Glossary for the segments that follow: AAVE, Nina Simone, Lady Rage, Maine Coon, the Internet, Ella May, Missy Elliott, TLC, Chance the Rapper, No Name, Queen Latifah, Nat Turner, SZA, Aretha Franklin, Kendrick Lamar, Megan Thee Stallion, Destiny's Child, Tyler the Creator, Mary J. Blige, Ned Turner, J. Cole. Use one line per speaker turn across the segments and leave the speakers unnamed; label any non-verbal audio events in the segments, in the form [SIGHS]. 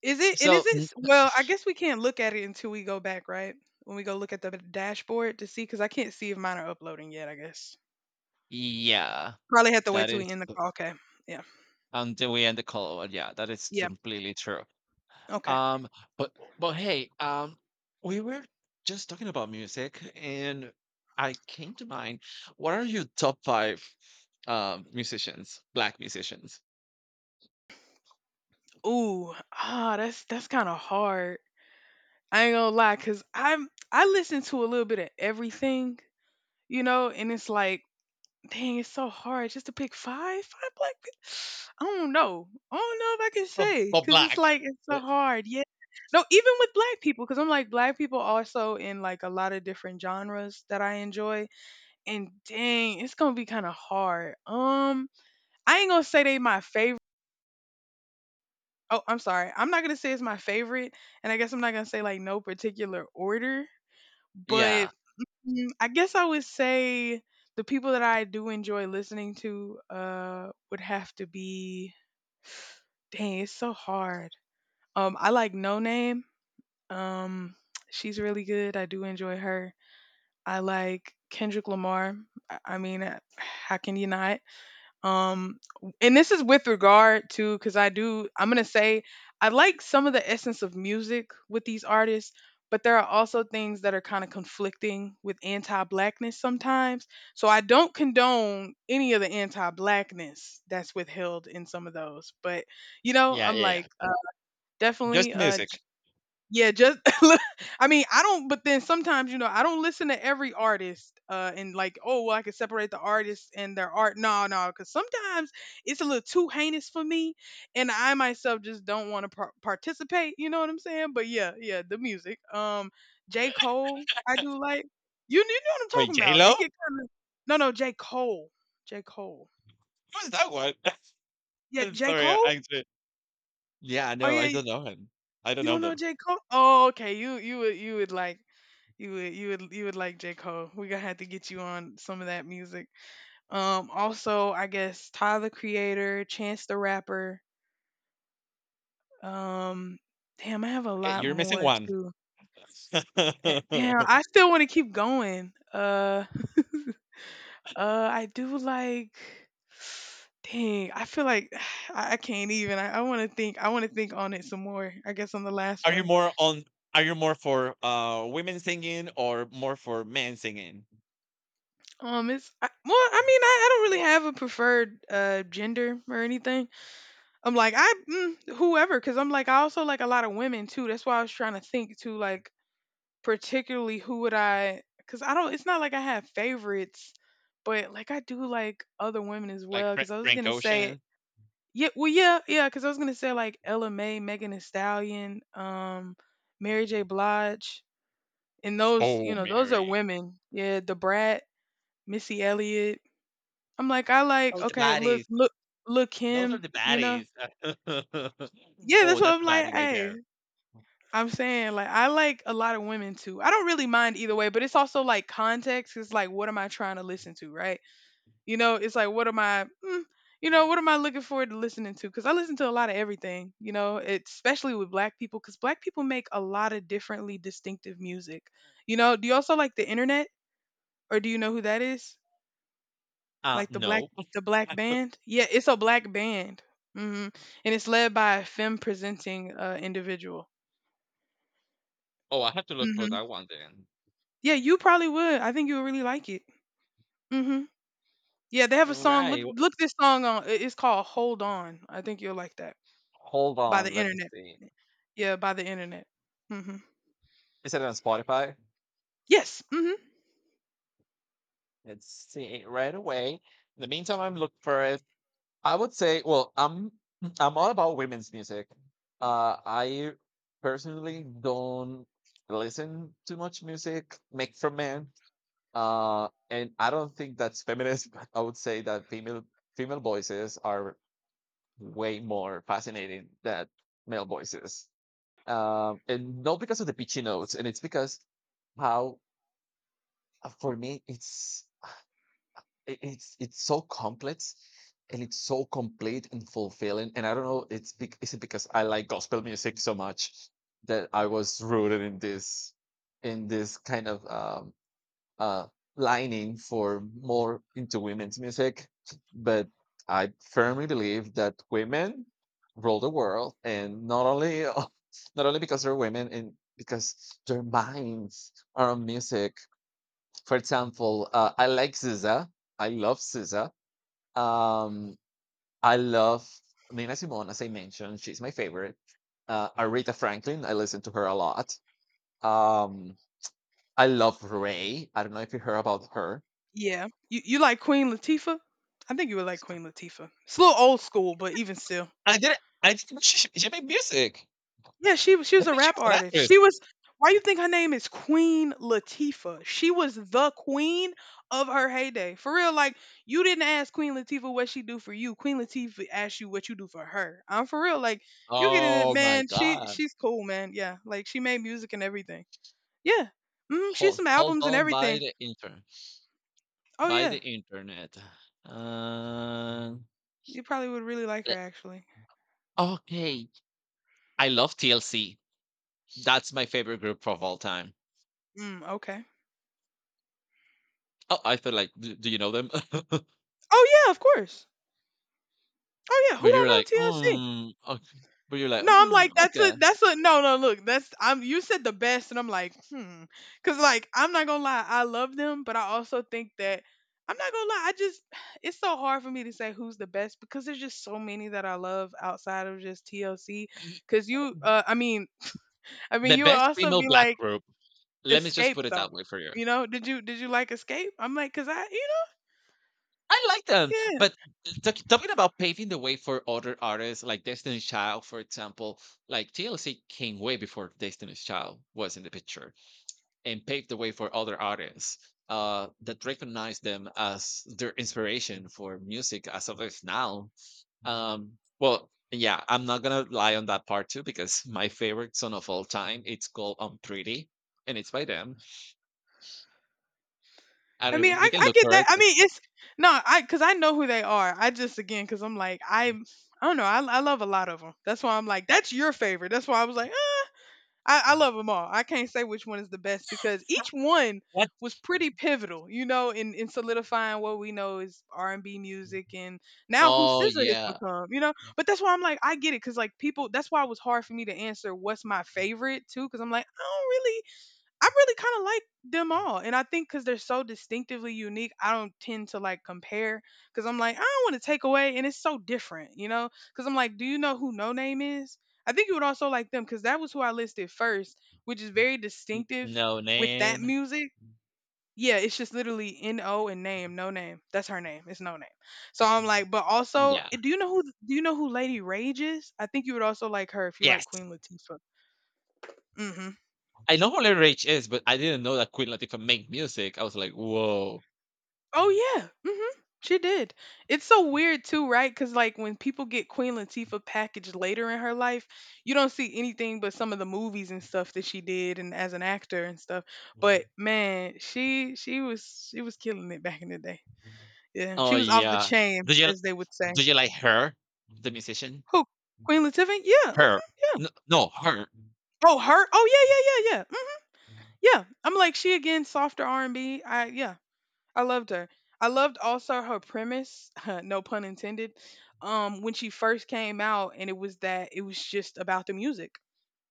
Is it and is
So
it
n
s well, I guess we can't look at it until we go back, right? When we go look at the dashboard to see, because I can't see if mine are uploading yet, I guess.
Yeah,
Probably have to wait
that
till
is
we end the call, okay. Yeah.
until we end the call, yeah, that is
Yeah,
completely true.
okay.
Um, but but hey, we were just talking about music, and I came to mind. What are your top five musicians, black musicians?
Ooh, that's kinda hard. I ain't gonna lie, because 'cause I listen to a little bit of everything, you know, and it's like, dang, it's so hard just to pick 5? 5 black peo, I don't know. I don't know if I can
But,
say
but
because it's
black.
like it's
Uh,
so hard, yeah. No, even with black people because 'cause I'm like, black people also in, like, a lot of different genres that I enjoy, and dang, it's gonna be kinda hard. I ain't gonna say they my favorite, oh, I'm sorry. I'm not gonna say it's my favorite, and I guess I'm not gonna say, like, no particular order, but
Yeah,
mm, I guess I would say the people that I do enjoy listening to would have to be [SIGHS] dang, it's so hard. I like No Name. Um [TSK] she's really good. I do enjoy her. I like Kendrick Lamar. I mean, how can you not? um and this is with regard to, because I do, I'm gonna say I like some of the essence of music with these artists, but there are also things that are kind of conflicting with anti-blackness sometimes, so I don't condone any of the anti-blackness that's withheld in some of those. But you know,
yeah,
I'm
yeah, yeah.
like,
Just
definitely.
the music.
Yeah, just [LAUGHS] look, I mean, I don't, but then sometimes, you know, I don't listen to every artist, and like, oh, well, I can separate the artist and their art. No, no, cuz sometimes it's a little too heinous for me, and I myself just don't want to participate, you know what I'm saying? But yeah, yeah, the music. J.
[LAUGHS]
Cole, I do like. You know what I'm
Wait,
talking
J
about.
Lo?
It get kind of. No, no, J. Cole. J. Cole.
Who is that one?
Yeah,
[LAUGHS]
J.
Sorry, I
Cole?
I actually, yeah,
Oh
no, I
yeah,
don't know him. I don't
you
know
don't know
them.
J. Cole? Oh, okay. You would like J. Cole. We're gonna have to get you on some of that music. Also, I guess Tyler the Creator, Chance the Rapper. Um damn, I have a
Okay,
lot
you're missing
more
one.
too.
[LAUGHS]
And damn,
Are
I still wanna keep going. [LAUGHS] I do like [SIGHS] dang, I feel like [SIGHS] I can't even. I wanna think on it some more. I guess on the last
you
one.
more on are you more for, women singing or more for men singing?
It's, well, I mean, I don't really have a preferred gender or anything. I'm like, I, whoever, because I'm like, I also like a lot of women too. That's why I was trying to think too, like, particularly who would I, because I don't. It's not like I have favorites, but like, I do like other women as
Like
well. Because I was
Frank
gonna say,
Ocean?
yeah, well, yeah, yeah. Because I was gonna say like Ella May, Megan Thee Stallion, Mary J. Blige, and those, you
Oh,
know, those are
Mary.
women. Yeah, the Brat, Missy Elliott. I'm like, I like,
Oh, the
okay, look,
baddies.
look, look
Those are
him.
the
You know,
baddies. [LAUGHS]
yeah,
Oh,
that's what
that's
I'm
a
like.
baddie right there.
Hey, I'm saying like I like a lot of women too. I don't really mind either way, but it's also like context. It's like, what am I trying to listen to, right? You know, it's like, what am I, you know, what am I looking forward to listening to? Because I listen to a lot of everything, you know, especially with Black people, because Black people make a lot of differently distinctive music. You know, do you also like the Internet, or do you know who that is? Like the black
No.
the black
[LAUGHS]
band? Yeah, it's a black band, hmm and it's led by a femme presenting individual.
Oh, I have to look for
Mm-hmm.
that one then.
Yeah, you probably would. I think you would really like it. hmm Yeah, they have a song. Look,
Alright,
look this song on. It's called "Hold On." I think you'll like that
hold
by
on,
the
let me
internet.
see.
Yeah, by the internet. hmm
Is it on Spotify?
Yes.
Let's see right away. In the meantime, I'm looking for it. I would say, well, I'm [CLEARS THROAT] I'm all about women's music. I personally don't listen to much music made for men. And I don't think that's feminist, [LAUGHS] but I would say that female voices are way more fascinating than male voices. And not because of the pitchy notes, and it's because how, for me it's so complex, and it's so complete and fulfilling, and I don't know. It's is it because I like gospel music so much that I was rooted in this, in this kind of uh lining for more into women's music? But I firmly believe that women rule the world, and not only [LAUGHS] not only because they're women and because their minds are on music. For example, I like SZA. I love SZA. Um, I love Nina Simone, as I mentioned. She's my favorite. Aretha Franklin. I listen to her a lot. Um, I love Ray. I don't know if you heard about her.
Yeah. You like Queen Latifah? I think you would like Queen Latifah. It's a little old school, but even still.
I didn't. Know she made music.
Yeah, she was she
I
was a
think she
rap
was an
artist.
actress.
She was Why you think her name is Queen Latifah? She was the queen of her heyday. For real, like, you didn't ask Queen Latifah what she do for you. Queen Latifah asked you what you do for her. I'm for real. Like, you getting it,
Oh my
man. She
God.
she's cool, man. Yeah, like she made music and everything. Yeah, she has
Hold
some
hold
albums and
on,
everything. Oh
by the
yeah,
internet. Uh,
you probably would really like her
le-
actually.
okay. I love TLC. That's my favorite group of all time.
Mm, okay.
Oh, I feel like, "Do you know them?" [LAUGHS]
Oh yeah, of course. Oh yeah, who
But you're
don't know
like,
TLC?
"Mm, ok." But you're like,
No, I'm
"Mm,
like, that's a
okay."
that's a no no look, that's, I'm, you said the best, and I'm like, because like, I'm not gonna lie, I love them, but I also think that I'm not gonna lie, I just [SIGHS] it's so hard for me to say who's the best, because there's just so many that I love outside of just TLC,
Ye
because you, I mean I
The
mean you would
best
also
female
be
black
like
group. Let me just
Escape,
put it
though.
that way for you.
You know, did you like Escape? I'm like, because I, you
I like them,
know, yeah.
but talking about paving the way for other artists like Destiny's Child, for example. Like, TLC came way before Destiny's Child was in the picture, and paved the way for other artists, that recognize them as their inspiration for music as of is now. Well, yeah, I'm not gonna lie on that part too, because [LAUGHS] my favorite song of all time, it's called "I'm Pretty", and it's by them. I
I mean,
don't, you
I,
can
I
look
get
for it.
that. I mean, it's no, I, because I know who they are. I just again because I'm like, I don't know. I love a lot of them. That's why I'm like, that's your favorite. That's why I was like, I love them all. I can't say which one is the best because each one
What?
was pretty pivotal, you know, in solidifying what we know is R&B music, and now who
Oh
SZA has
yeah,
become, you know. But that's why I'm like, I get it, because like, people. That's why it was hard for me to answer what's my favorite too, because I'm like, I don't really I really kind of like them all. And I think because they're so distinctively unique, I don't tend to like, compare, because I'm like, I don't want to take away. And it's so different, you know? Because I'm like, do you know who No Name is? I think you would also like them because that was who I listed first, which is very distinctive
No
with that
Name.
music. Yeah, it's just literally N O and name, no name. That's her name. It's no name. So I'm like, but also,
Yeah.
do you know who Lady Rage is? I think you would also like her if you like
Yes.
Queen Latifah. hmm
I know who Larry Rage is, but I didn't know that Queen Latifah made music. I was like, whoa.
Oh yeah. Mhm. She did. It's so weird too, right? Cuz like when people get Queen Latifah packaged later in her life, you don't see anything but some of the movies and stuff that she did and as an actor and stuff. But man, she was killing it back in the day. Yeah.
Oh
She was off the
yeah.
chain,
Do you
as they would say.
do you like her, the musician?
Who? Queen Latifah? Yeah. Mhm,
Her.
yeah.
No, no, her.
Oh, her? Oh yeah, yeah, yeah, yeah. Mhm, yeah. I'm like, she again, softer R&B. I yeah. I loved her. I loved also her premise, [LAUGHS] no pun intended, when she first came out, and it was that it was just about the music.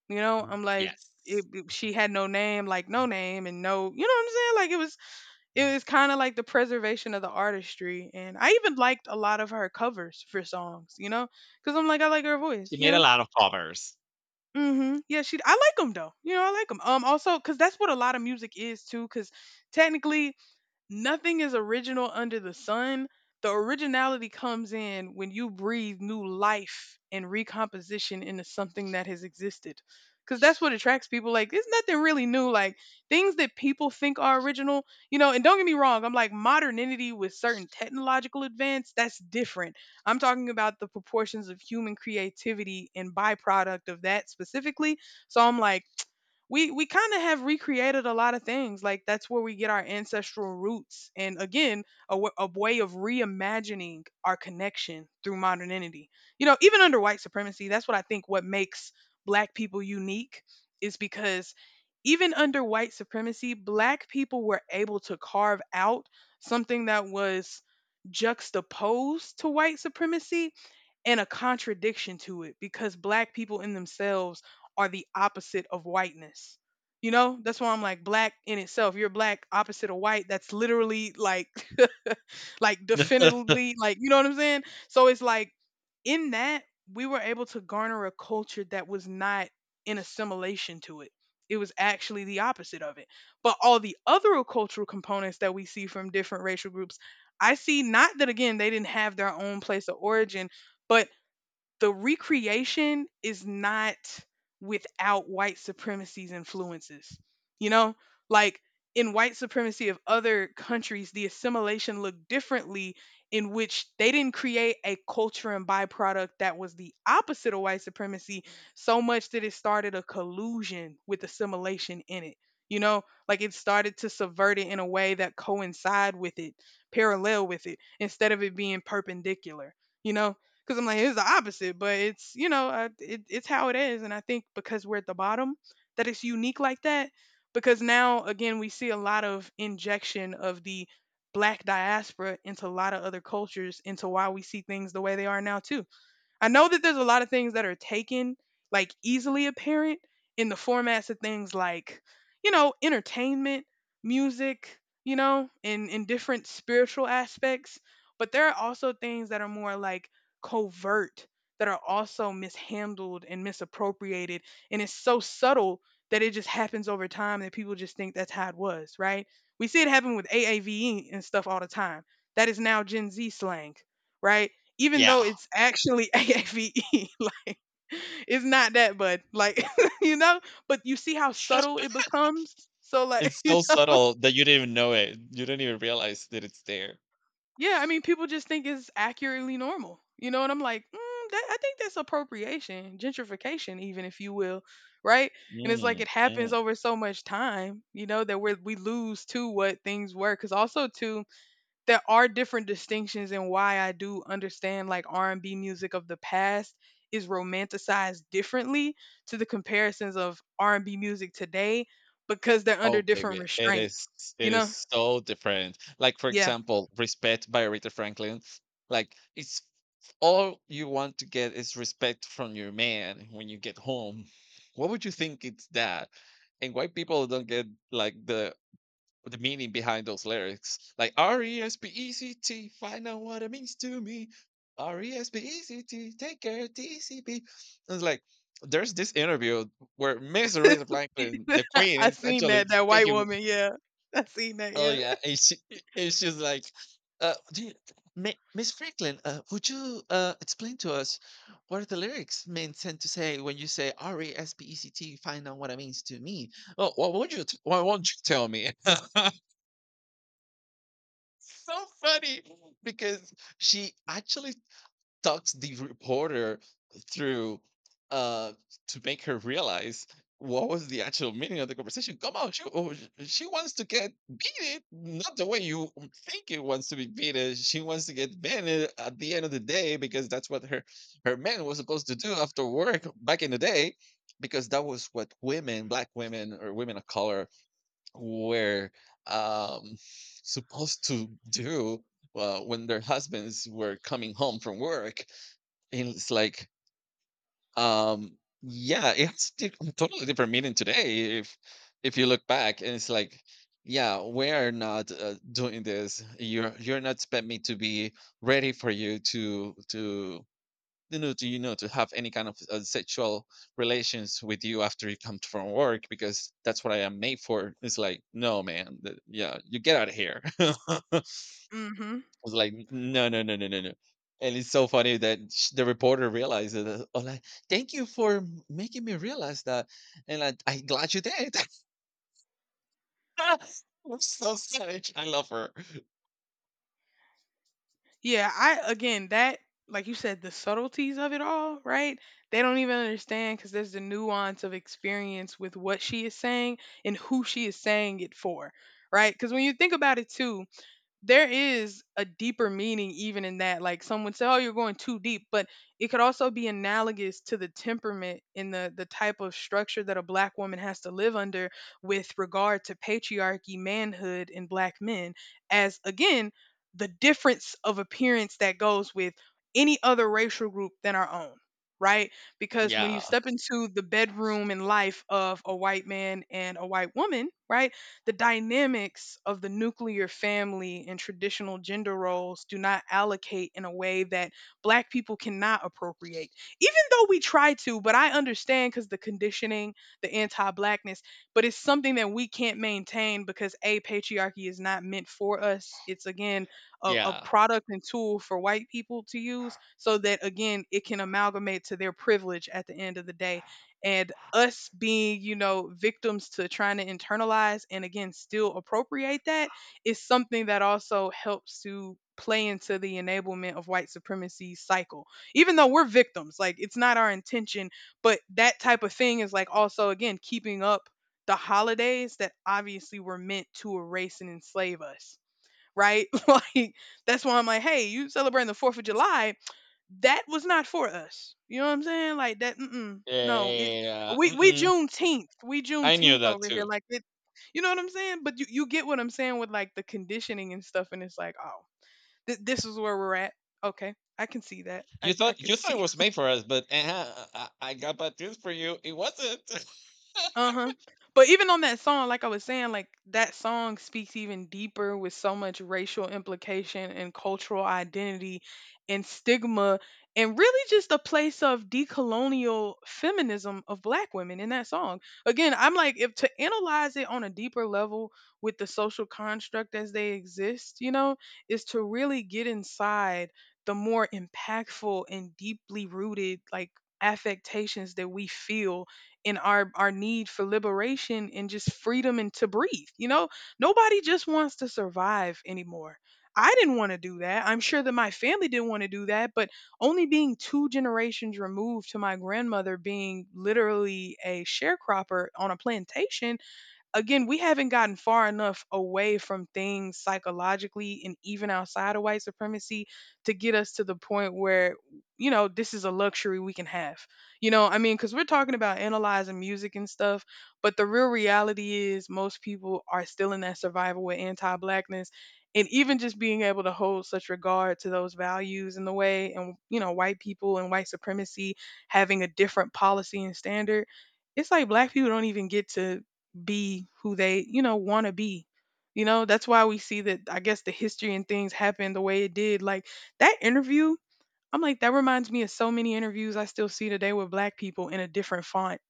You know, I'm like,
Yes.
she had no name, like no name, and no, you know what I'm saying? Like, it was, kind of like the preservation of the artistry, and I even liked a lot of her covers for songs. You know, because I'm like, I like her voice.
She
You
made a
know.
lot of covers.
Mm-hmm. Yeah, she. I like them though. You know, I like them. Also, because that's what a lot of music is too. Because technically, nothing is original under the sun. The originality comes in when you breathe new life and recomposition into something that has existed. Because that's what attracts people. Like, there's nothing really new. Like, things that people think are original, you know, and don't get me wrong, I'm like, modernity with certain technological advance, that's different. I'm talking about the proportions of human creativity and byproduct of that specifically. So I'm like, we kind of have recreated a lot of things. Like, that's where we get our ancestral roots. And again, a way of reimagining our connection through modernity, you know, even under white supremacy. That's what I think what makes black people unique, is because even under white supremacy black people were able to carve out something that was juxtaposed to white supremacy and a contradiction to it, because black people in themselves are the opposite of whiteness. You know, that's why I'm like black in itself. You're black, opposite of white. That's literally like, [LAUGHS] like
[LAUGHS]
definitely, like, you know what I'm saying? So it's like, in that, we were able to garner a culture that was not in assimilation to it. It was actually the opposite of it. But all the other cultural components that we see from different racial groups, I see, not that again they didn't have their own place of origin, but the recreation is not without white supremacy's influences. You know, like in white supremacy of other countries, the assimilation looked differently, in which they didn't create a culture and byproduct that was the opposite of white supremacy, so much that it started a collusion with assimilation in it. You know, like it started to subvert it in a way that coincide with it, parallel with it, instead of it being perpendicular. You know, because I'm like it's the opposite, but it's, you know, it's how it is. And I think because we're at the bottom, that it's unique like that. Because now again we see a lot of injection of the black diaspora into a lot of other cultures, into why we see things the way they are now too. I know that there's a lot of things that are taken, like easily apparent in the formats of things like, you know, entertainment, music, you know, and in different spiritual aspects. But there are also things that are more like covert, that are also mishandled and misappropriated. And it's so subtle that it just happens over time that people just think that's how it was, right? We see it happen with AAVE and stuff all the time. That is now Gen Z slang, right? Even
Yeah.
though it's actually [LAUGHS] AAVE, like it's not that, but like [LAUGHS] you know, but you see how subtle
[LAUGHS]
it becomes. So like,
It's
[LAUGHS] you
so
know,
subtle that you didn't even know it. You didn't even realize that it's there.
yeah, I mean, people just think it's accurately normal, you know, and I'm like, mm, that, I think that's appropriation, gentrification, even if you will, right? And it's like
Mm,
it happens
mm.
over so much time, you know, that we lose to what things were, because also too there are different distinctions in why I do understand like R&B music of the past is romanticized differently to the comparisons of R&B music today, because they're
Oh,
under different
baby, it
restraints.
is it
You know?
is so different. Like, for
Yeah.
example, "Respect" by Aretha Franklin. Like, it's all you want to get is respect from your man when you get home. What would you think it's that? And why people don't get, like, the meaning behind those lyrics. Like R-E-S-P-E-C-T, find out what it means to me. R-E-S-P-E-C-T, take care TCP. It's like there's this interview where Miss Aretha Franklin, the
[LAUGHS]
Queen,
I
is
seen
actually
that, that white
speaking.
woman, yeah. I seen that,
Oh
yeah.
yeah, and she's like, uh, do you, Miss Franklin, would you explain to us what are the lyrics meant tend to say when you say R-E-S-P-E-C-T? Find out what it means to me. Oh, what would you? Why won't you tell me? [LAUGHS] So funny, because she actually talks the reporter through, uh to make her realize what was the actual meaning of the conversation. Come on, she, oh, she wants to get beaten, not the way you think it wants to be beaten. She wants to get banned at the end of the day, because that's what her man was supposed to do after work back in the day, because that was what women, black women or women of color, were, um, supposed to do when their husbands were coming home from work. And it's like, yeah, it's totally different meaning today. If you look back, and it's like, yeah, we're not, doing this. You're not expect me to be ready for you to to have any kind of sexual relations with you after you come from work, because that's what I am made for. It's like, no, man, yeah, you get out of here. [LAUGHS] I
[LAUGHS] Mhm.
was like, no, no, no, no, no, no. And it's so funny that the reporter realized that. I'm like, thank you for making me realize that, and I'm glad you did. [LAUGHS] I'm so savage. I love her.
Yeah, I again, that, like you said, the subtleties of it all, right? They don't even understand, cuz there's the nuance of experience with what she is saying and who she is saying it for, right? Cuz when you think about it too, there is a deeper meaning even in that. Like someone said, "Oh, you're going too deep," but it could also be analogous to the temperament and the type of structure that a black woman has to live under with regard to patriarchy, manhood, and black men. As again, the difference of appearance that goes with any other racial group than our own. Right? Because when
Yeah,
you step into the bedroom and life of a white man and a white woman, right, the dynamics of the nuclear family and traditional gender roles do not allocate in a way that black people cannot appropriate, even though we try to. But I understand, because the conditioning, the anti-blackness, but it's something that we can't maintain because a patriarchy is not meant for us. It's, again, a
yeah,
product and tool for white people to use so that again it can amalgamate to their privilege at the end of the day. And us being, you know, victims to trying to internalize and again still appropriate that, is something that also helps to play into the enablement of white supremacy cycle, even though we're victims. Like, it's not our intention, but that type of thing is like also again keeping up the holidays that obviously were meant to erase and enslave us, right? [LAUGHS] Like, that's why I'm like, hey, you celebrating the Fourth of July, that was not for us. You know what I'm saying? Like that. Mm-mm,
yeah,
no, it.
yeah, yeah,
We
yeah, yeah.
we
Mm-mm.
Juneteenth. We
I knew
Juneteenth
that
over here.
too.
Like it. You know what I'm saying? But you get what I'm saying with like the conditioning and stuff. And it's like, oh, this is where we're at. Okay, I can see that.
You
I
thought,
could [LAUGHS]
it
see.
was made for us, but I got bad news for you. It wasn't. [LAUGHS]
Uh-huh. But even on that song, like I was saying, like that song speaks even deeper with so much racial implication and cultural identity and stigma, and really just a place of decolonial feminism of black women in that song. Again, I'm like, if to analyze it on a deeper level with the social construct as they exist, you know, is to really get inside the more impactful and deeply rooted like affectations that we feel, and our need for liberation and just freedom and to breathe. You know, nobody just wants to survive anymore. I didn't want to do that. I'm sure that my family didn't want to do that, but only being two generations removed to my grandmother being literally a sharecropper on a plantation, again, we haven't gotten far enough away from things psychologically and even outside of white supremacy to get us to the point where, you know, this is a luxury we can have. You know, I mean, because we're talking about analyzing music and stuff, but the real reality is most people are still in that survival with anti blackness. And even just being able to hold such regard to those values in the way, and, you know, white people and white supremacy having a different policy and standard, it's like black people don't even get to be who they, you know, want to be. You know, that's why we see that I guess the history and things happen the way it did. Like that interview, I'm like, that reminds me of so many interviews I still see today with black people in a different font.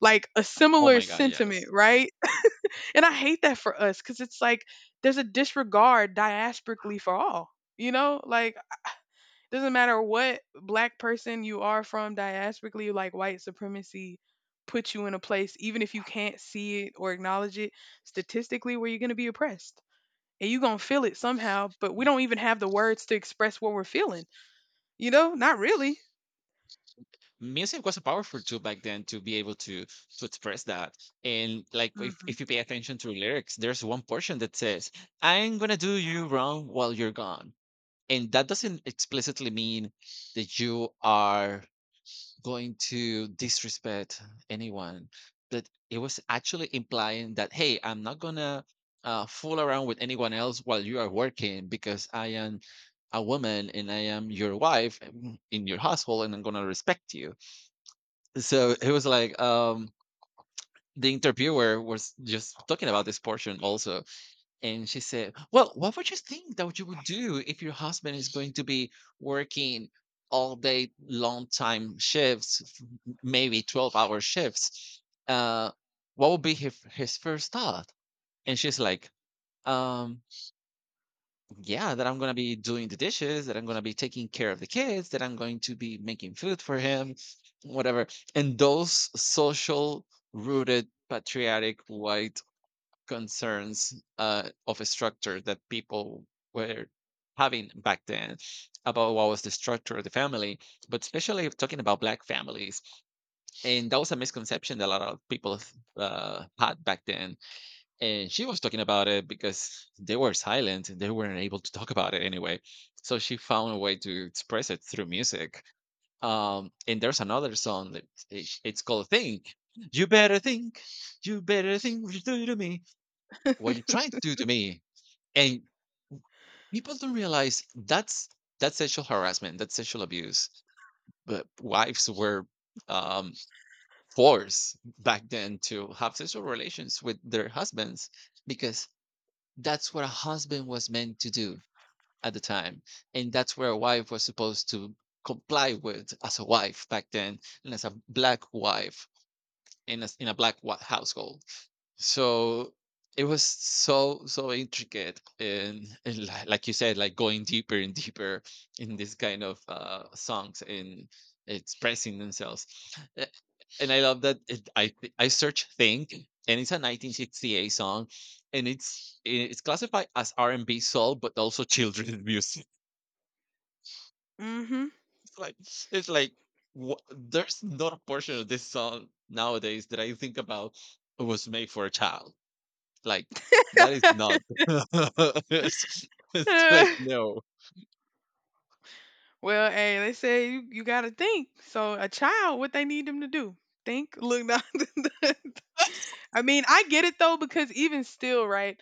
Like a
Oh
similar
my god,
sentiment,
yes.
right? [LAUGHS] And I hate that for us, because it's like there's a disregard diasporically for all, you know? Like, doesn't matter what black person you are from diasporically, like white supremacy puts you in a place, even if you can't see it or acknowledge it statistically, where you're going to be oppressed. And you're going to feel it somehow, but we
Y-
don't even have the words to express what we're feeling. You know, not really.
Music was a powerful tool back then, to be able to express that. And like, if,
Hmm.
if you pay attention to lyrics, there's one portion that says, I'm gonna do you wrong while you're gone. And that doesn't explicitly mean that you are going to disrespect anyone, but it was actually implying that hey, I'm not gonna, fool around with anyone else while you are working, because I am a woman and I am your wife, in your household, and I'm gonna respect you. So it was like, the interviewer was just talking about this portion also. And she said, "Well, what would you think that you would do if your husband is going to be working all day long time shifts, maybe 12-hour shifts? Uh, what would be his first thought?" And she's like, um, "Yeah, that I'm going to be doing the dishes, that I'm going to be taking care of the kids, that I'm going to be making food for him, whatever." And those social rooted patriotic white concerns, of a structure that people were having back then, about what was the structure of the family, but especially if talking about black families. And that was a misconception that a lot of people, had back then. And she was talking about it because they were silent and they weren't able to talk about it anyway. So she found a way to express it through music. And there's another song that, it's called Think. You better think, you better think what you do to me, what you're trying to do to me. And people don't realize that's, sexual harassment, that's sexual abuse. But wives were, um forced back then to have sexual relations with their husbands, because that's what a husband was meant to do at the time, and that's where a wife was supposed to comply with, as a wife back then, and as a black wife in a black household. So it was so intricate, and [LAUGHS] like you said, like going deeper and deeper in this kind of songs and expressing themselves. A- and I love that, I search Think, and it's a 1968 song, and it's classified as r&b soul but also children's music.
Hmm.
[LAUGHS] it's like it's like, there's not a portion of this song nowadays that I think about was made for a child. Like, that is not [LAUGHS] it's it's like,
[LAUGHS]
no.
Well, hey, they say you, you got to think. So a child, what they need them to do? Think, look, [LAUGHS] now. I mean, I get it though, because even still, right?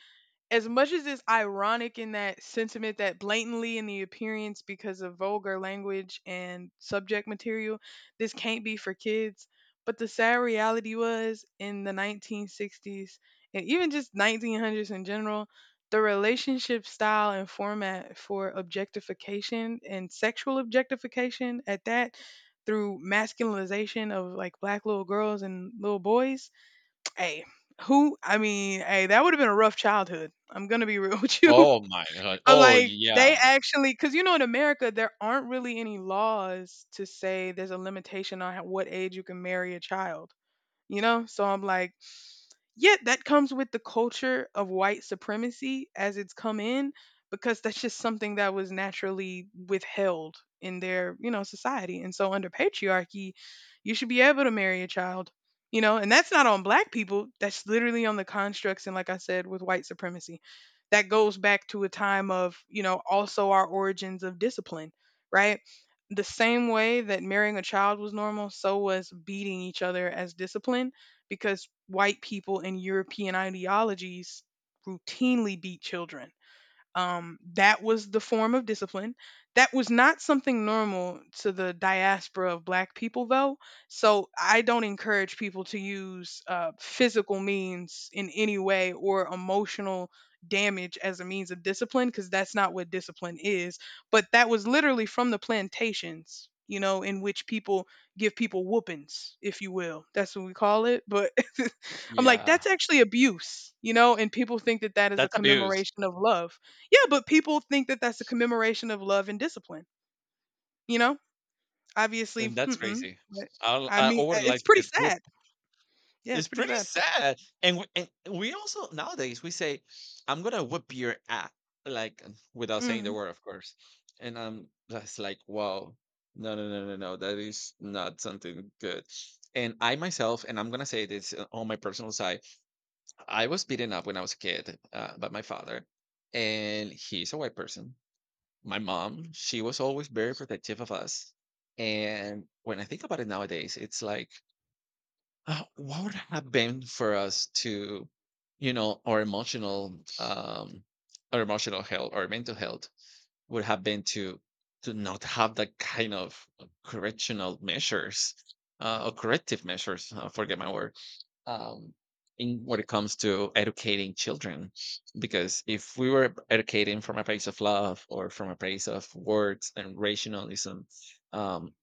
As much as it's ironic in that sentiment that blatantly in the appearance because of vulgar language and subject material, this can't be for kids. But the sad reality was in the 1960s, and even just 1900s in general, the relationship style and format for objectification and sexual objectification at that, through masculinization of like black little girls and little boys. Hey, who? I mean, hey, that would have been a rough childhood. I'm gonna be real [LAUGHS] with you.
Oh my god.
I'm
Oh,
like, they
yeah.
actually, because you know, in America, there aren't really any laws to say there's a limitation on how- what age you can marry a child. You know, so I'm like, yet that comes with the culture of white supremacy as it's come in, because that's just something that was naturally withheld in their, you know, society. And so under patriarchy, you should be able to marry a child, you know, and that's not on black people. That's literally on the constructs. And like I said, with white supremacy, that goes back to a time of, you know, also our origins of discipline, right? The same way that marrying a child was normal, so was beating each other as discipline, because white people and European ideologies routinely beat children. That was the form of discipline. That was not something normal to the diaspora of black people, though. So I don't encourage people to use physical means in any way, or emotional damage as a means of discipline, because that's not what discipline is. But that was literally from the plantations, you know, in which people give people whoopings, if you will. That's what we call it. But [LAUGHS] I'm like, that's
Yeah.
actually abuse, you know, and people think that that is a
That's abuse,
commemoration of love. Yeah, but people think that that's a commemoration of love and discipline, you know? Obviously,
and that's
mm-mm,
crazy.
but
i
I
I I
mean,
would
it's
like to
pretty
get
sad.
whooped.
Yeah,
It's
it's pretty
pretty
sad.
sad, and we also nowadays, we say, "I'm gonna whoop your ass," like, without saying the
Mhm,
word, of course, and I'm just like, "Wow. no, no, no, no, no, that is not something good." And I myself, and I'm gonna say this, on my personal side, I was beaten up when I was a kid, by my father, and he's a white person. My mom, she was always very protective of us. And when I think about it nowadays, it's like, what would have been for us, to, you know, our emotional, um, our emotional health, or mental health would have been, to not have that kind of correctional measures, or corrective measures. Forget my word, um, in when it comes to educating children, because if we were educating from a place of love, or from a place of words and rationalism, um,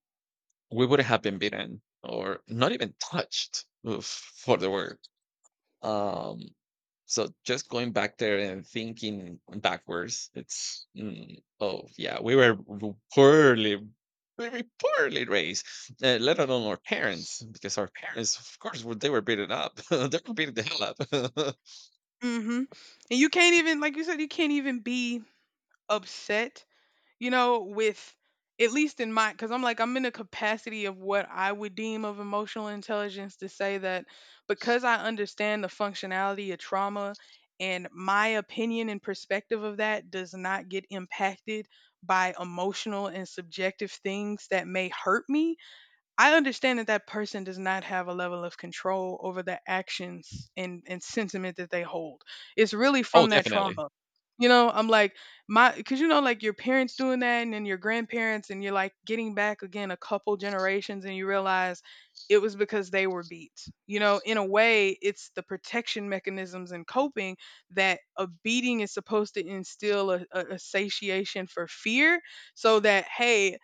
we would have been beaten, or not even touched for the word. Um, so just going back there and thinking backwards, it's, oh yeah, we were poorly, very poorly raised. Let alone our parents, because our parents, of course, they were beaten up. [LAUGHS] They were beating the hell up.
mhm. And you can't even, like you said, you can't even be upset, with at least in my, because I'm like, I'm in a capacity of what I would deem of emotional intelligence to say that because I understand the functionality of trauma, and my opinion and perspective of that does not get impacted by emotional and subjective things that may hurt me. I understand that that person does not have a level of control over the actions and sentiment that they hold. It's really
[LAUGHS] Oh,
from that
definitely.
trauma. You know, I'm like, my, because you know, like your parents doing that and then your grandparents, and you're like getting back again a couple generations and you realize it was because they were beat. You know, in a way, it's the protection mechanisms and coping that a beating is supposed to instill a satiation for fear so that, hey,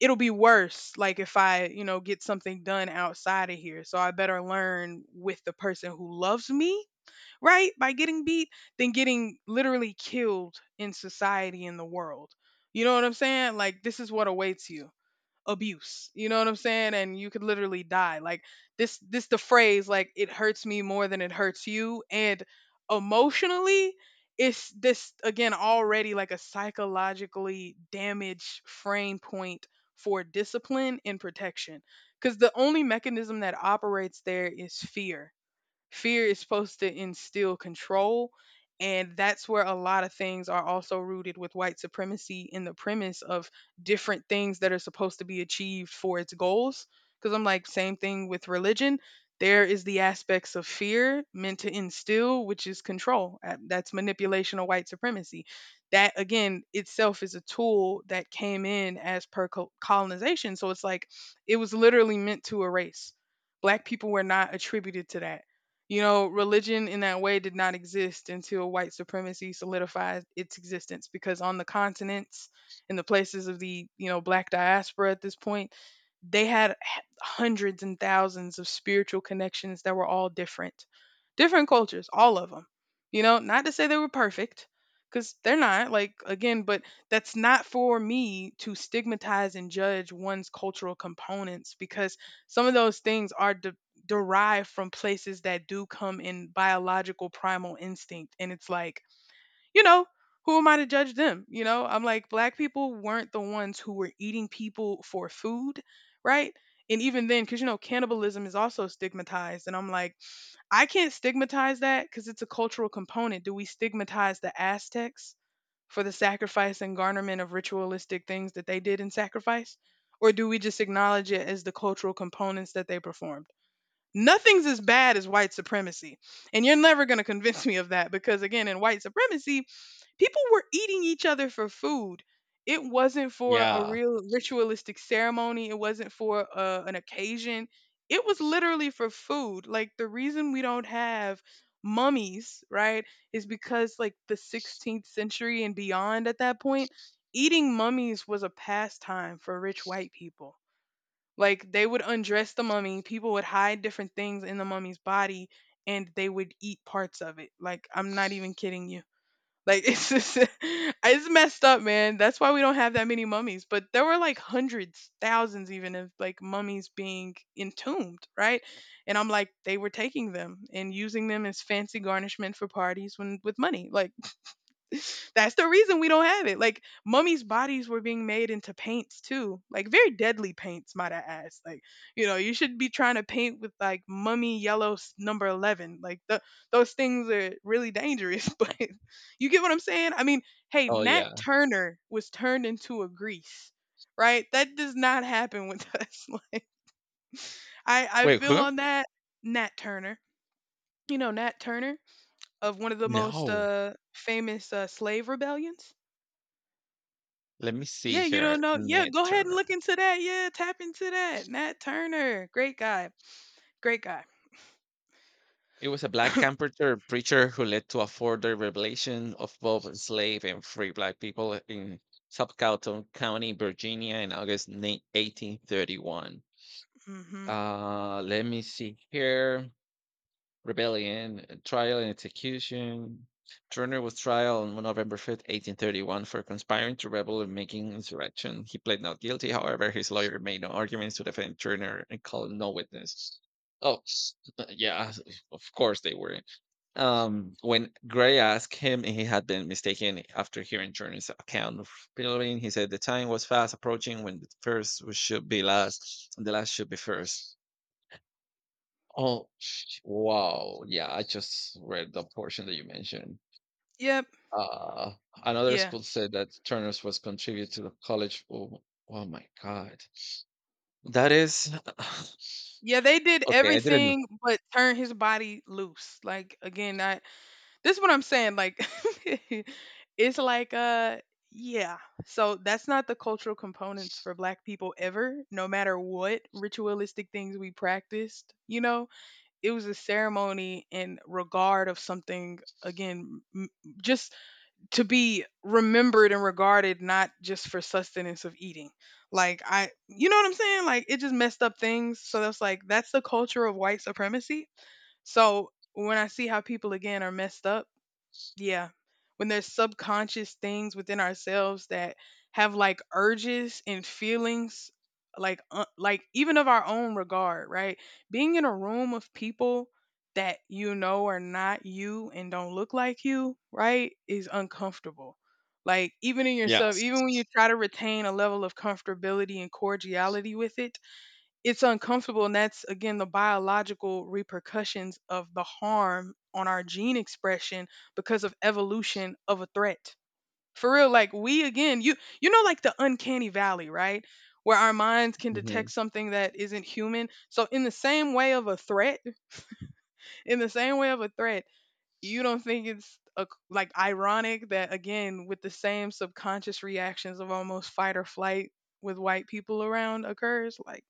it'll be worse, like if I get something done outside of here, so I better learn with the person who loves me, right, by getting beat than getting literally killed in society in the world. You know what I'm saying? Like this is what awaits you, abuse, you know what I'm saying? And you could literally die. Like this the phrase, like it hurts me more than it hurts you, and emotionally it's this again, already like a psychologically damaged frame point for discipline and protection, because the only mechanism that operates there is fear. Fear is supposed to instill control. And that's where a lot of things are also rooted with white supremacy, in the premise of different things that are supposed to be achieved for its goals, because I'm like, same thing with religion. There is the aspects of fear meant to instill, which is control. That's manipulation of white supremacy, that again itself is a tool that came in as per colonization. So it's like it was literally meant to erase. Black people were not attributed to that. You know, religion in that way did not exist until white supremacy solidified its existence, because on the continents, in the places of the, you know, black diaspora at this point, they had hundreds and thousands of spiritual connections that were all different. Different cultures, all of them. You know, not to say they were perfect, because they're not, like, again, but that's not for me to stigmatize and judge one's cultural components, because some of those things are derive from places that do come in biological primal instinct. And it's like, you know, who am I to judge them? You know, I'm like, black people weren't the ones who were eating people for food, right? And even then, because, you know, cannibalism is also stigmatized. And I'm like, I can't stigmatize that because it's a cultural component. Do we stigmatize the Aztecs for the sacrifice and garnerment of ritualistic things that they did in sacrifice? Or do we just acknowledge it as the cultural components that they performed? Nothing's as bad as white supremacy. And you're never going to convince me of that, because, again, in white supremacy, people were eating each other for food. It wasn't for a
Yeah.
real ritualistic ceremony, it wasn't for an occasion. It was literally for food. Like, the reason we don't have mummies, right, is because, like, the 16th century and beyond at that point, eating mummies was a pastime for rich white people. Like they would undress the mummy, people would hide different things in the mummy's body and they would eat parts of it. Like I'm not even kidding you. Like [LAUGHS] it's just it's messed up, man. That's why we don't have that many mummies. But there were like hundreds, thousands even of like mummies being entombed, right? And I'm like, they were taking them and using them as fancy garnishment for parties when with money. Like [LAUGHS] that's the reason we don't have it. Like mummies' bodies were being made into paints too, like very deadly paints, might I add. Like you know, you should be trying to paint with like mummy yellow number 11. Like those things are really dangerous. [LAUGHS] But you get what I'm saying? I mean, hey,
Oh
Nat
yeah.
Turner was turned into a grease, right? That does not happen with [LAUGHS] us. Like I
Wait,
feel
who?
on that. Nat Turner. You know Nat Turner, of one of the most
No.
famous slave rebellions.
Let me see
Yeah, you
here.
don't know. Yeah,
Ned
go ahead and
Turner.
look into that. Yeah, tap into that. Nat Turner, great guy, great guy.
It was a black comforter preacher who led to a further revelation of both slave and free black people in Suffolk County, Virginia, in August 9, 1831.
Hmm.
Let me see here. Rebellion, trial and execution. Turner was trial on November 5th, 1831, for conspiring to rebel and making insurrection. He pled not guilty. However, his lawyer made no arguments to defend Turner and called no witness. Oh, [LAUGHS] yeah, of course they were. When Gray asked him if he had been mistaken after hearing Turner's account of Pilgrim, he said the time was fast approaching when the first should be last and the last should be first. Oh, wow. Yeah, I just read the portion that you mentioned.
Yep.
Uh, Another
Yeah.
school said that Turner's was contributed to the college. Oh, oh my God. That is [SIGHS]
Yeah, they did
okay. I didn't know.
everything but turn his body loose. Like again, I, this is what I'm saying. Like [LAUGHS] it's like yeah. So that's not the cultural components for black people ever, no matter what ritualistic things we practiced, you know? It was a ceremony in regard of something again just to be remembered and regarded, not just for sustenance of eating. Like I, you know what I'm saying? Like it just messed up things. So that's like that's the culture of white supremacy. So when I see how people again are messed up, yeah. When there's subconscious things within ourselves that have like urges and feelings, like even of our own regard, right? Being in a room of people that you know are not you and don't look like you, right, is uncomfortable. Like even in yourself, even when you
Yes.
try to retain a level of comfortability and cordiality with it, it's uncomfortable, and that's again the biological repercussions of the harm on our gene expression because of evolution of a threat. For real, like we again, you know, like the uncanny valley, right, where our minds can
Mhm.
detect something that isn't human, so in the same way of a threat, in the same way of a threat, you don't think it's a, like ironic that again with the same subconscious reactions of almost fight or flight with white people around occurs? Like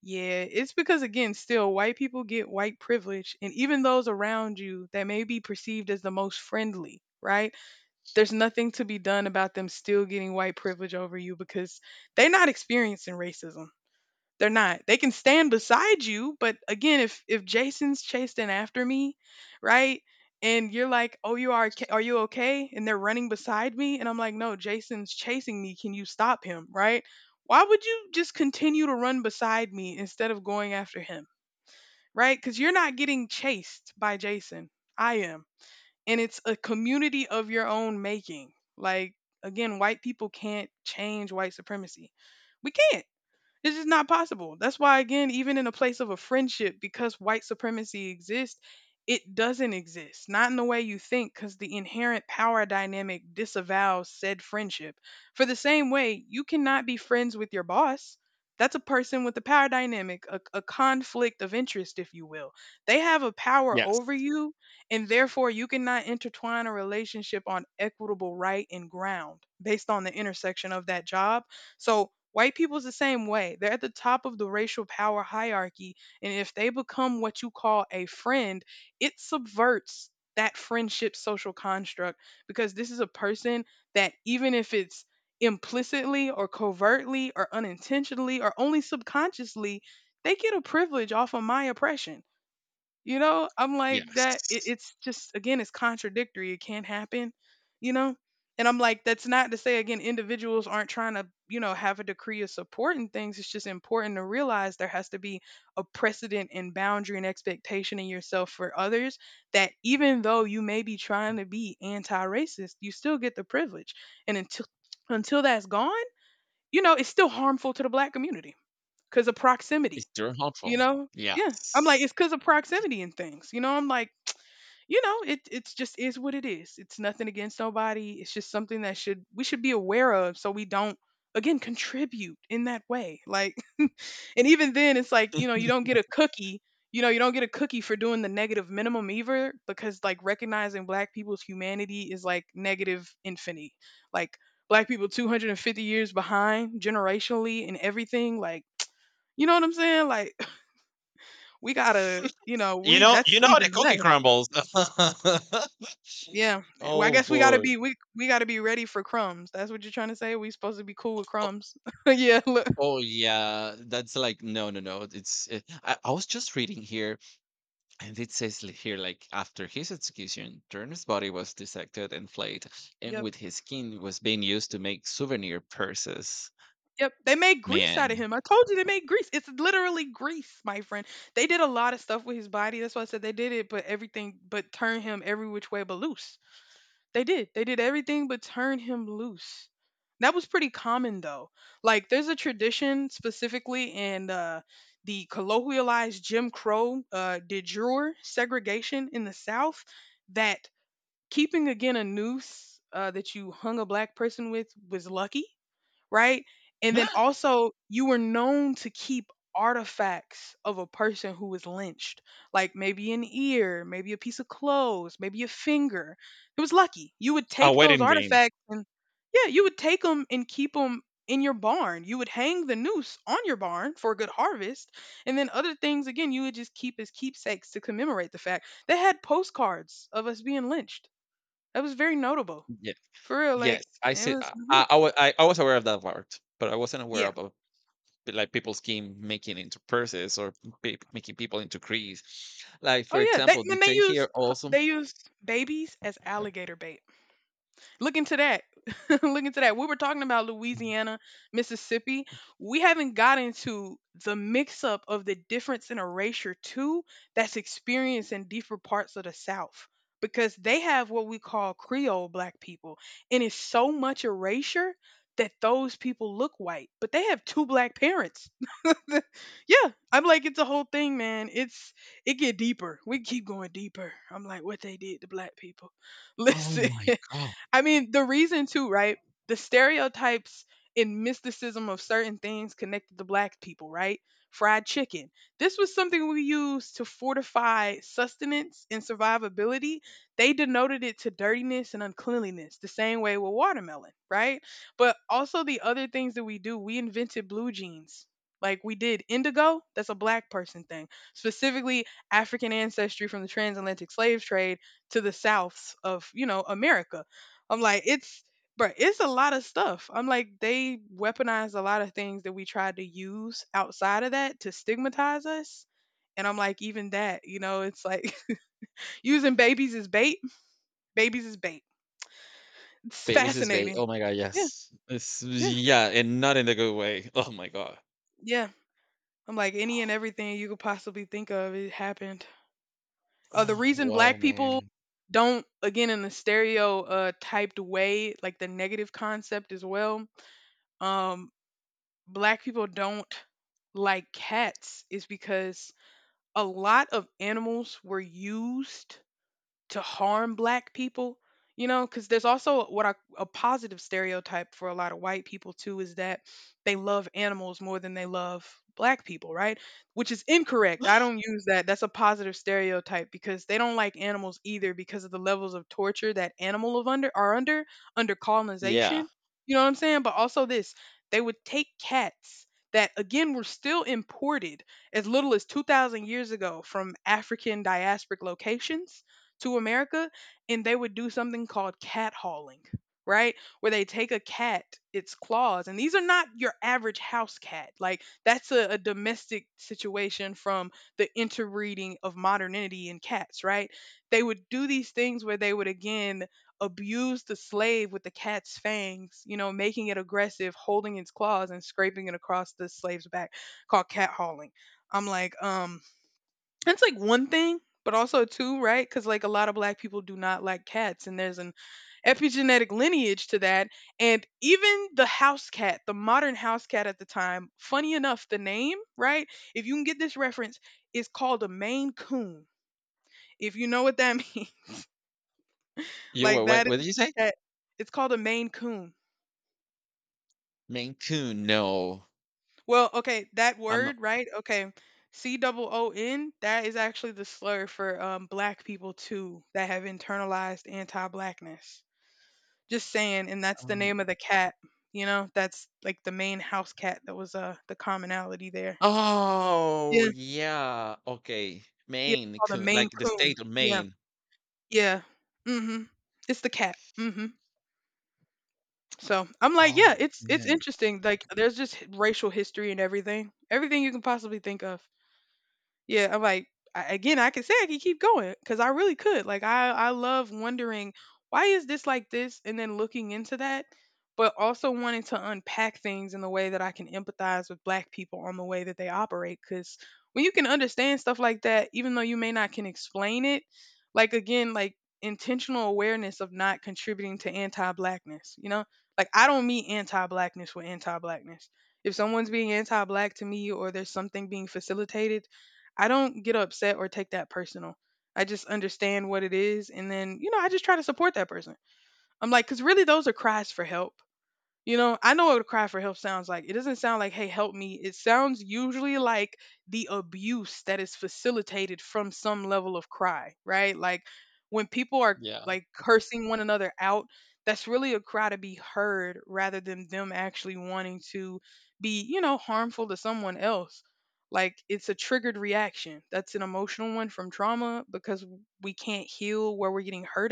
yeah, it's because, again, still white people get white privilege, and even those around you that may be perceived as the most friendly, right? There's nothing to be done about them still getting white privilege over you, because they're not experiencing racism. They're not. They can stand beside you, but again, if Jason's chasing after me, right? And you're like, "Oh, you are are you okay?" And they're running beside me, and I'm like, "No, Jason's chasing me. Can you stop him?" Right? Why would you just continue to run beside me instead of going after him? Right? Cuz you're not getting chased by Jason. I am. And it's a community of your own making. Like again, white people can't change white supremacy. We can't. It's just not possible. That's why, again, even in a place of a friendship, because white supremacy exists, it doesn't exist. Not in the way you think, because the inherent power dynamic disavows said friendship. For the same way, you cannot be friends with your boss. That's a person with a power dynamic, a conflict of interest, if you will. They have a power
Yes.
over you, and therefore you cannot intertwine a relationship on equitable right and ground based on the intersection of that job. So white people's the same way. They're at the top of the racial power hierarchy. And if they become what you call a friend, it subverts that friendship social construct, because this is a person that, even if it's implicitly or covertly or unintentionally or only subconsciously, they get a privilege off of my oppression. You know, I'm like
Yes.
that. It's just again, it's contradictory. It can't happen. You know, and I'm like, that's not to say, again, individuals aren't trying to, you know, have a decree of support and things. It's just important to realize there has to be a precedent and boundary and expectation in yourself for others. That even though you may be trying to be anti-racist, you still get the privilege. And until that's gone, you know, it's still harmful to the black community because of proximity,
It's very
you
helpful.
know? Yeah. I'm
Yes.
like, it's because of proximity and things. You know, I'm like, you know, it's just is what it is. It's nothing against nobody. It's just something that should, we should be aware of, so we don't again contribute in that way. Like [LAUGHS] and even then it's like, you know, you don't get a cookie. You know, you don't get a cookie for doing the negative minimum either, because like recognizing black people's humanity is like negative infinity. Like black people 250 years behind generationally and everything, like you know what I'm saying? Like [LAUGHS] we gotta, you know,
You
we,
know
that's
you know
even
the cookie
less.
crumbles. [LAUGHS]
Yeah. Well, I
Oh,
guess we gotta
boy.
be, we gotta be ready for crumbs. That's what you're trying to say. We supposed to be cool with
Oh
crumbs. [LAUGHS] Yeah. Look.
oh, yeah. That's like, no, no, no. It's, I was just reading here, and it says, li here, like, "After his execution, Turner's body was dissected and flayed, and
Yep.
with his skin was being used to make souvenir purses."
Yep. They made grease out
Man.
of him. I told you they made grease. It's literally grease, my friend. They did a lot of stuff with his body. That's why I said they did it, but everything but turn him every which way but loose. They did. They did everything but turn him loose. That was pretty common though. Like there's a tradition specifically in the colloquialized Jim Crow de jure segregation in the South that keeping again a noose that you hung a black person with was lucky, right? And then
[GASPS]
also, you were known to keep artifacts of a person who was lynched, like maybe an ear, maybe a piece of clothes, maybe a finger. It was lucky. You would
A
take those
wedding ring.
artifacts and, yeah, you would take them and keep them in your barn. You would hang the noose on your barn for a good harvest. And then other things, again, you would just keep as keepsakes to commemorate the fact. They had postcards of us being lynched. That was very notable.
Yeah.
For real,
Yes.
like,
I
it
see.
was,
I wa I was aware of that part, but I wasn't aware
yeah.
of. Like people scheme, making into purses, or making people into crease. Like
Oh
for
yeah, they
example, they
when they
take here
used
also.
they used babies as alligator bait. Look into that. [LAUGHS] Look into that. We were talking about Louisiana, Mississippi. We haven't got into the mix up of the difference in erasure too that's experienced in deeper parts of the South because they have what we call Creole black people. And it's so much erasure that those people look white, but they have two black parents. [LAUGHS] Yeah, I'm like it's a whole thing, man. It's it get deeper. We keep going deeper. I'm like what they did to black people. [LAUGHS]
Oh
Listen.
my god,
I mean, the reason too, right? The stereotypes and mysticism of certain things connected to black people, right? Fried chicken. This was something we used to fortify sustenance and survivability. They denoted it to dirtiness and uncleanliness, the same way with watermelon, right? But also the other things that we do, we invented blue jeans. Like we did indigo, that's a black person thing, specifically African ancestry from the transatlantic slave trade to the souths of, you know, America. I'm like, it's, bro, it's a lot of stuff. I'm like, they weaponized a lot of things that we tried to use outside of that to stigmatize us. And I'm like, even that, you know, it's like [LAUGHS] using babies as bait. Babies as bait. It's
babies is bait.
fascinating.
Oh my god,
Yeah,
yes, it's
yeah,
yeah, and not in a good way. [LAUGHS] Oh my god.
yeah. I'm like, any and
[GASPS]
everything you could possibly think of, it happened. The
Oh,
reason
wow,
black people
man.
don't, again, in the stereotyped way, like the negative concept as well, um, black people don't like cats is because a lot of animals were used to harm black people, you know, because there's also what I, a positive stereotype for a lot of white people too is that they love animals more than they love black people, right, which is incorrect. I don't
[GASPS]
use that, that's a positive stereotype because they don't like animals either because of the levels of torture that animal of under are under under
Yeah.
colonization, you know what I'm saying? But also this, they would take cats that again were still imported as little as 2000 years ago from African diasporic locations to America, and they would do something called cat hauling, right? Where they take a cat, its claws, and these are not your average house cat. Like that's a domestic situation from the interbreeding of modernity in cats, right? They would do these things where they would again abuse the slave with the cat's fangs, you know, making it aggressive, holding its claws and scraping it across the slave's back, called cat hauling. I'm like, that's like one thing, but also two, right? Because like a lot of black people do not like cats, and there's an epigenetic lineage to that. And even the house cat, the modern house cat at the time, funny enough, the name, right? If you can get this reference, is called a Maine Coon. If you know what that [LAUGHS] means,
You were
like
what?
that
What did
is
you say?
the cat. It's called a Maine Coon.
Maine Coon? No,
Well, okay, that
I'm not.
word, right? Okay. C double O N, that is actually the slur for black people too that have internalized anti blackness. Just saying, and that's the
Um,
name of the cat, you know? That's like the main house cat that was, the commonality there.
oh
Yeah,
yeah. Okay,
yeah,
Maine
called a
Coon,
Maine
like the
Coon.
state of
Yeah,
Maine.
yeah. Mhm. It's the cat. Mhm. So, I'm like, yeah,
Oh
it's
man.
interesting, like, there's just h racial history and everything. Everything you can possibly think of. Yeah, I'm like again, I can say I can keep going because I really could. Like I love wondering why is this like this, and then looking into that, but also wanting to unpack things in the way that I can empathize with Black people on the way that they operate. Because when you can understand stuff like that, even though you may not can explain it, like again, like intentional awareness of not contributing to anti-blackness. You know, like I don't mean anti-blackness with anti-blackness. If someone's being anti-black to me, or there's something being facilitated, I don't get upset or take that personal. I just understand what it is. And then, you know, I just try to support that person. I'm like, because really those are cries for help. You know, I know what a cry for help sounds like. It doesn't sound like, hey, help me. It sounds usually like the abuse that is facilitated from some level of cry, right? Like when people are
Yeah.
like cursing one another out, that's really a cry to be heard rather than them actually wanting to be, you know, harmful to someone else. Like it's a triggered reaction. That's an emotional one from trauma because we can't heal where we're getting hurt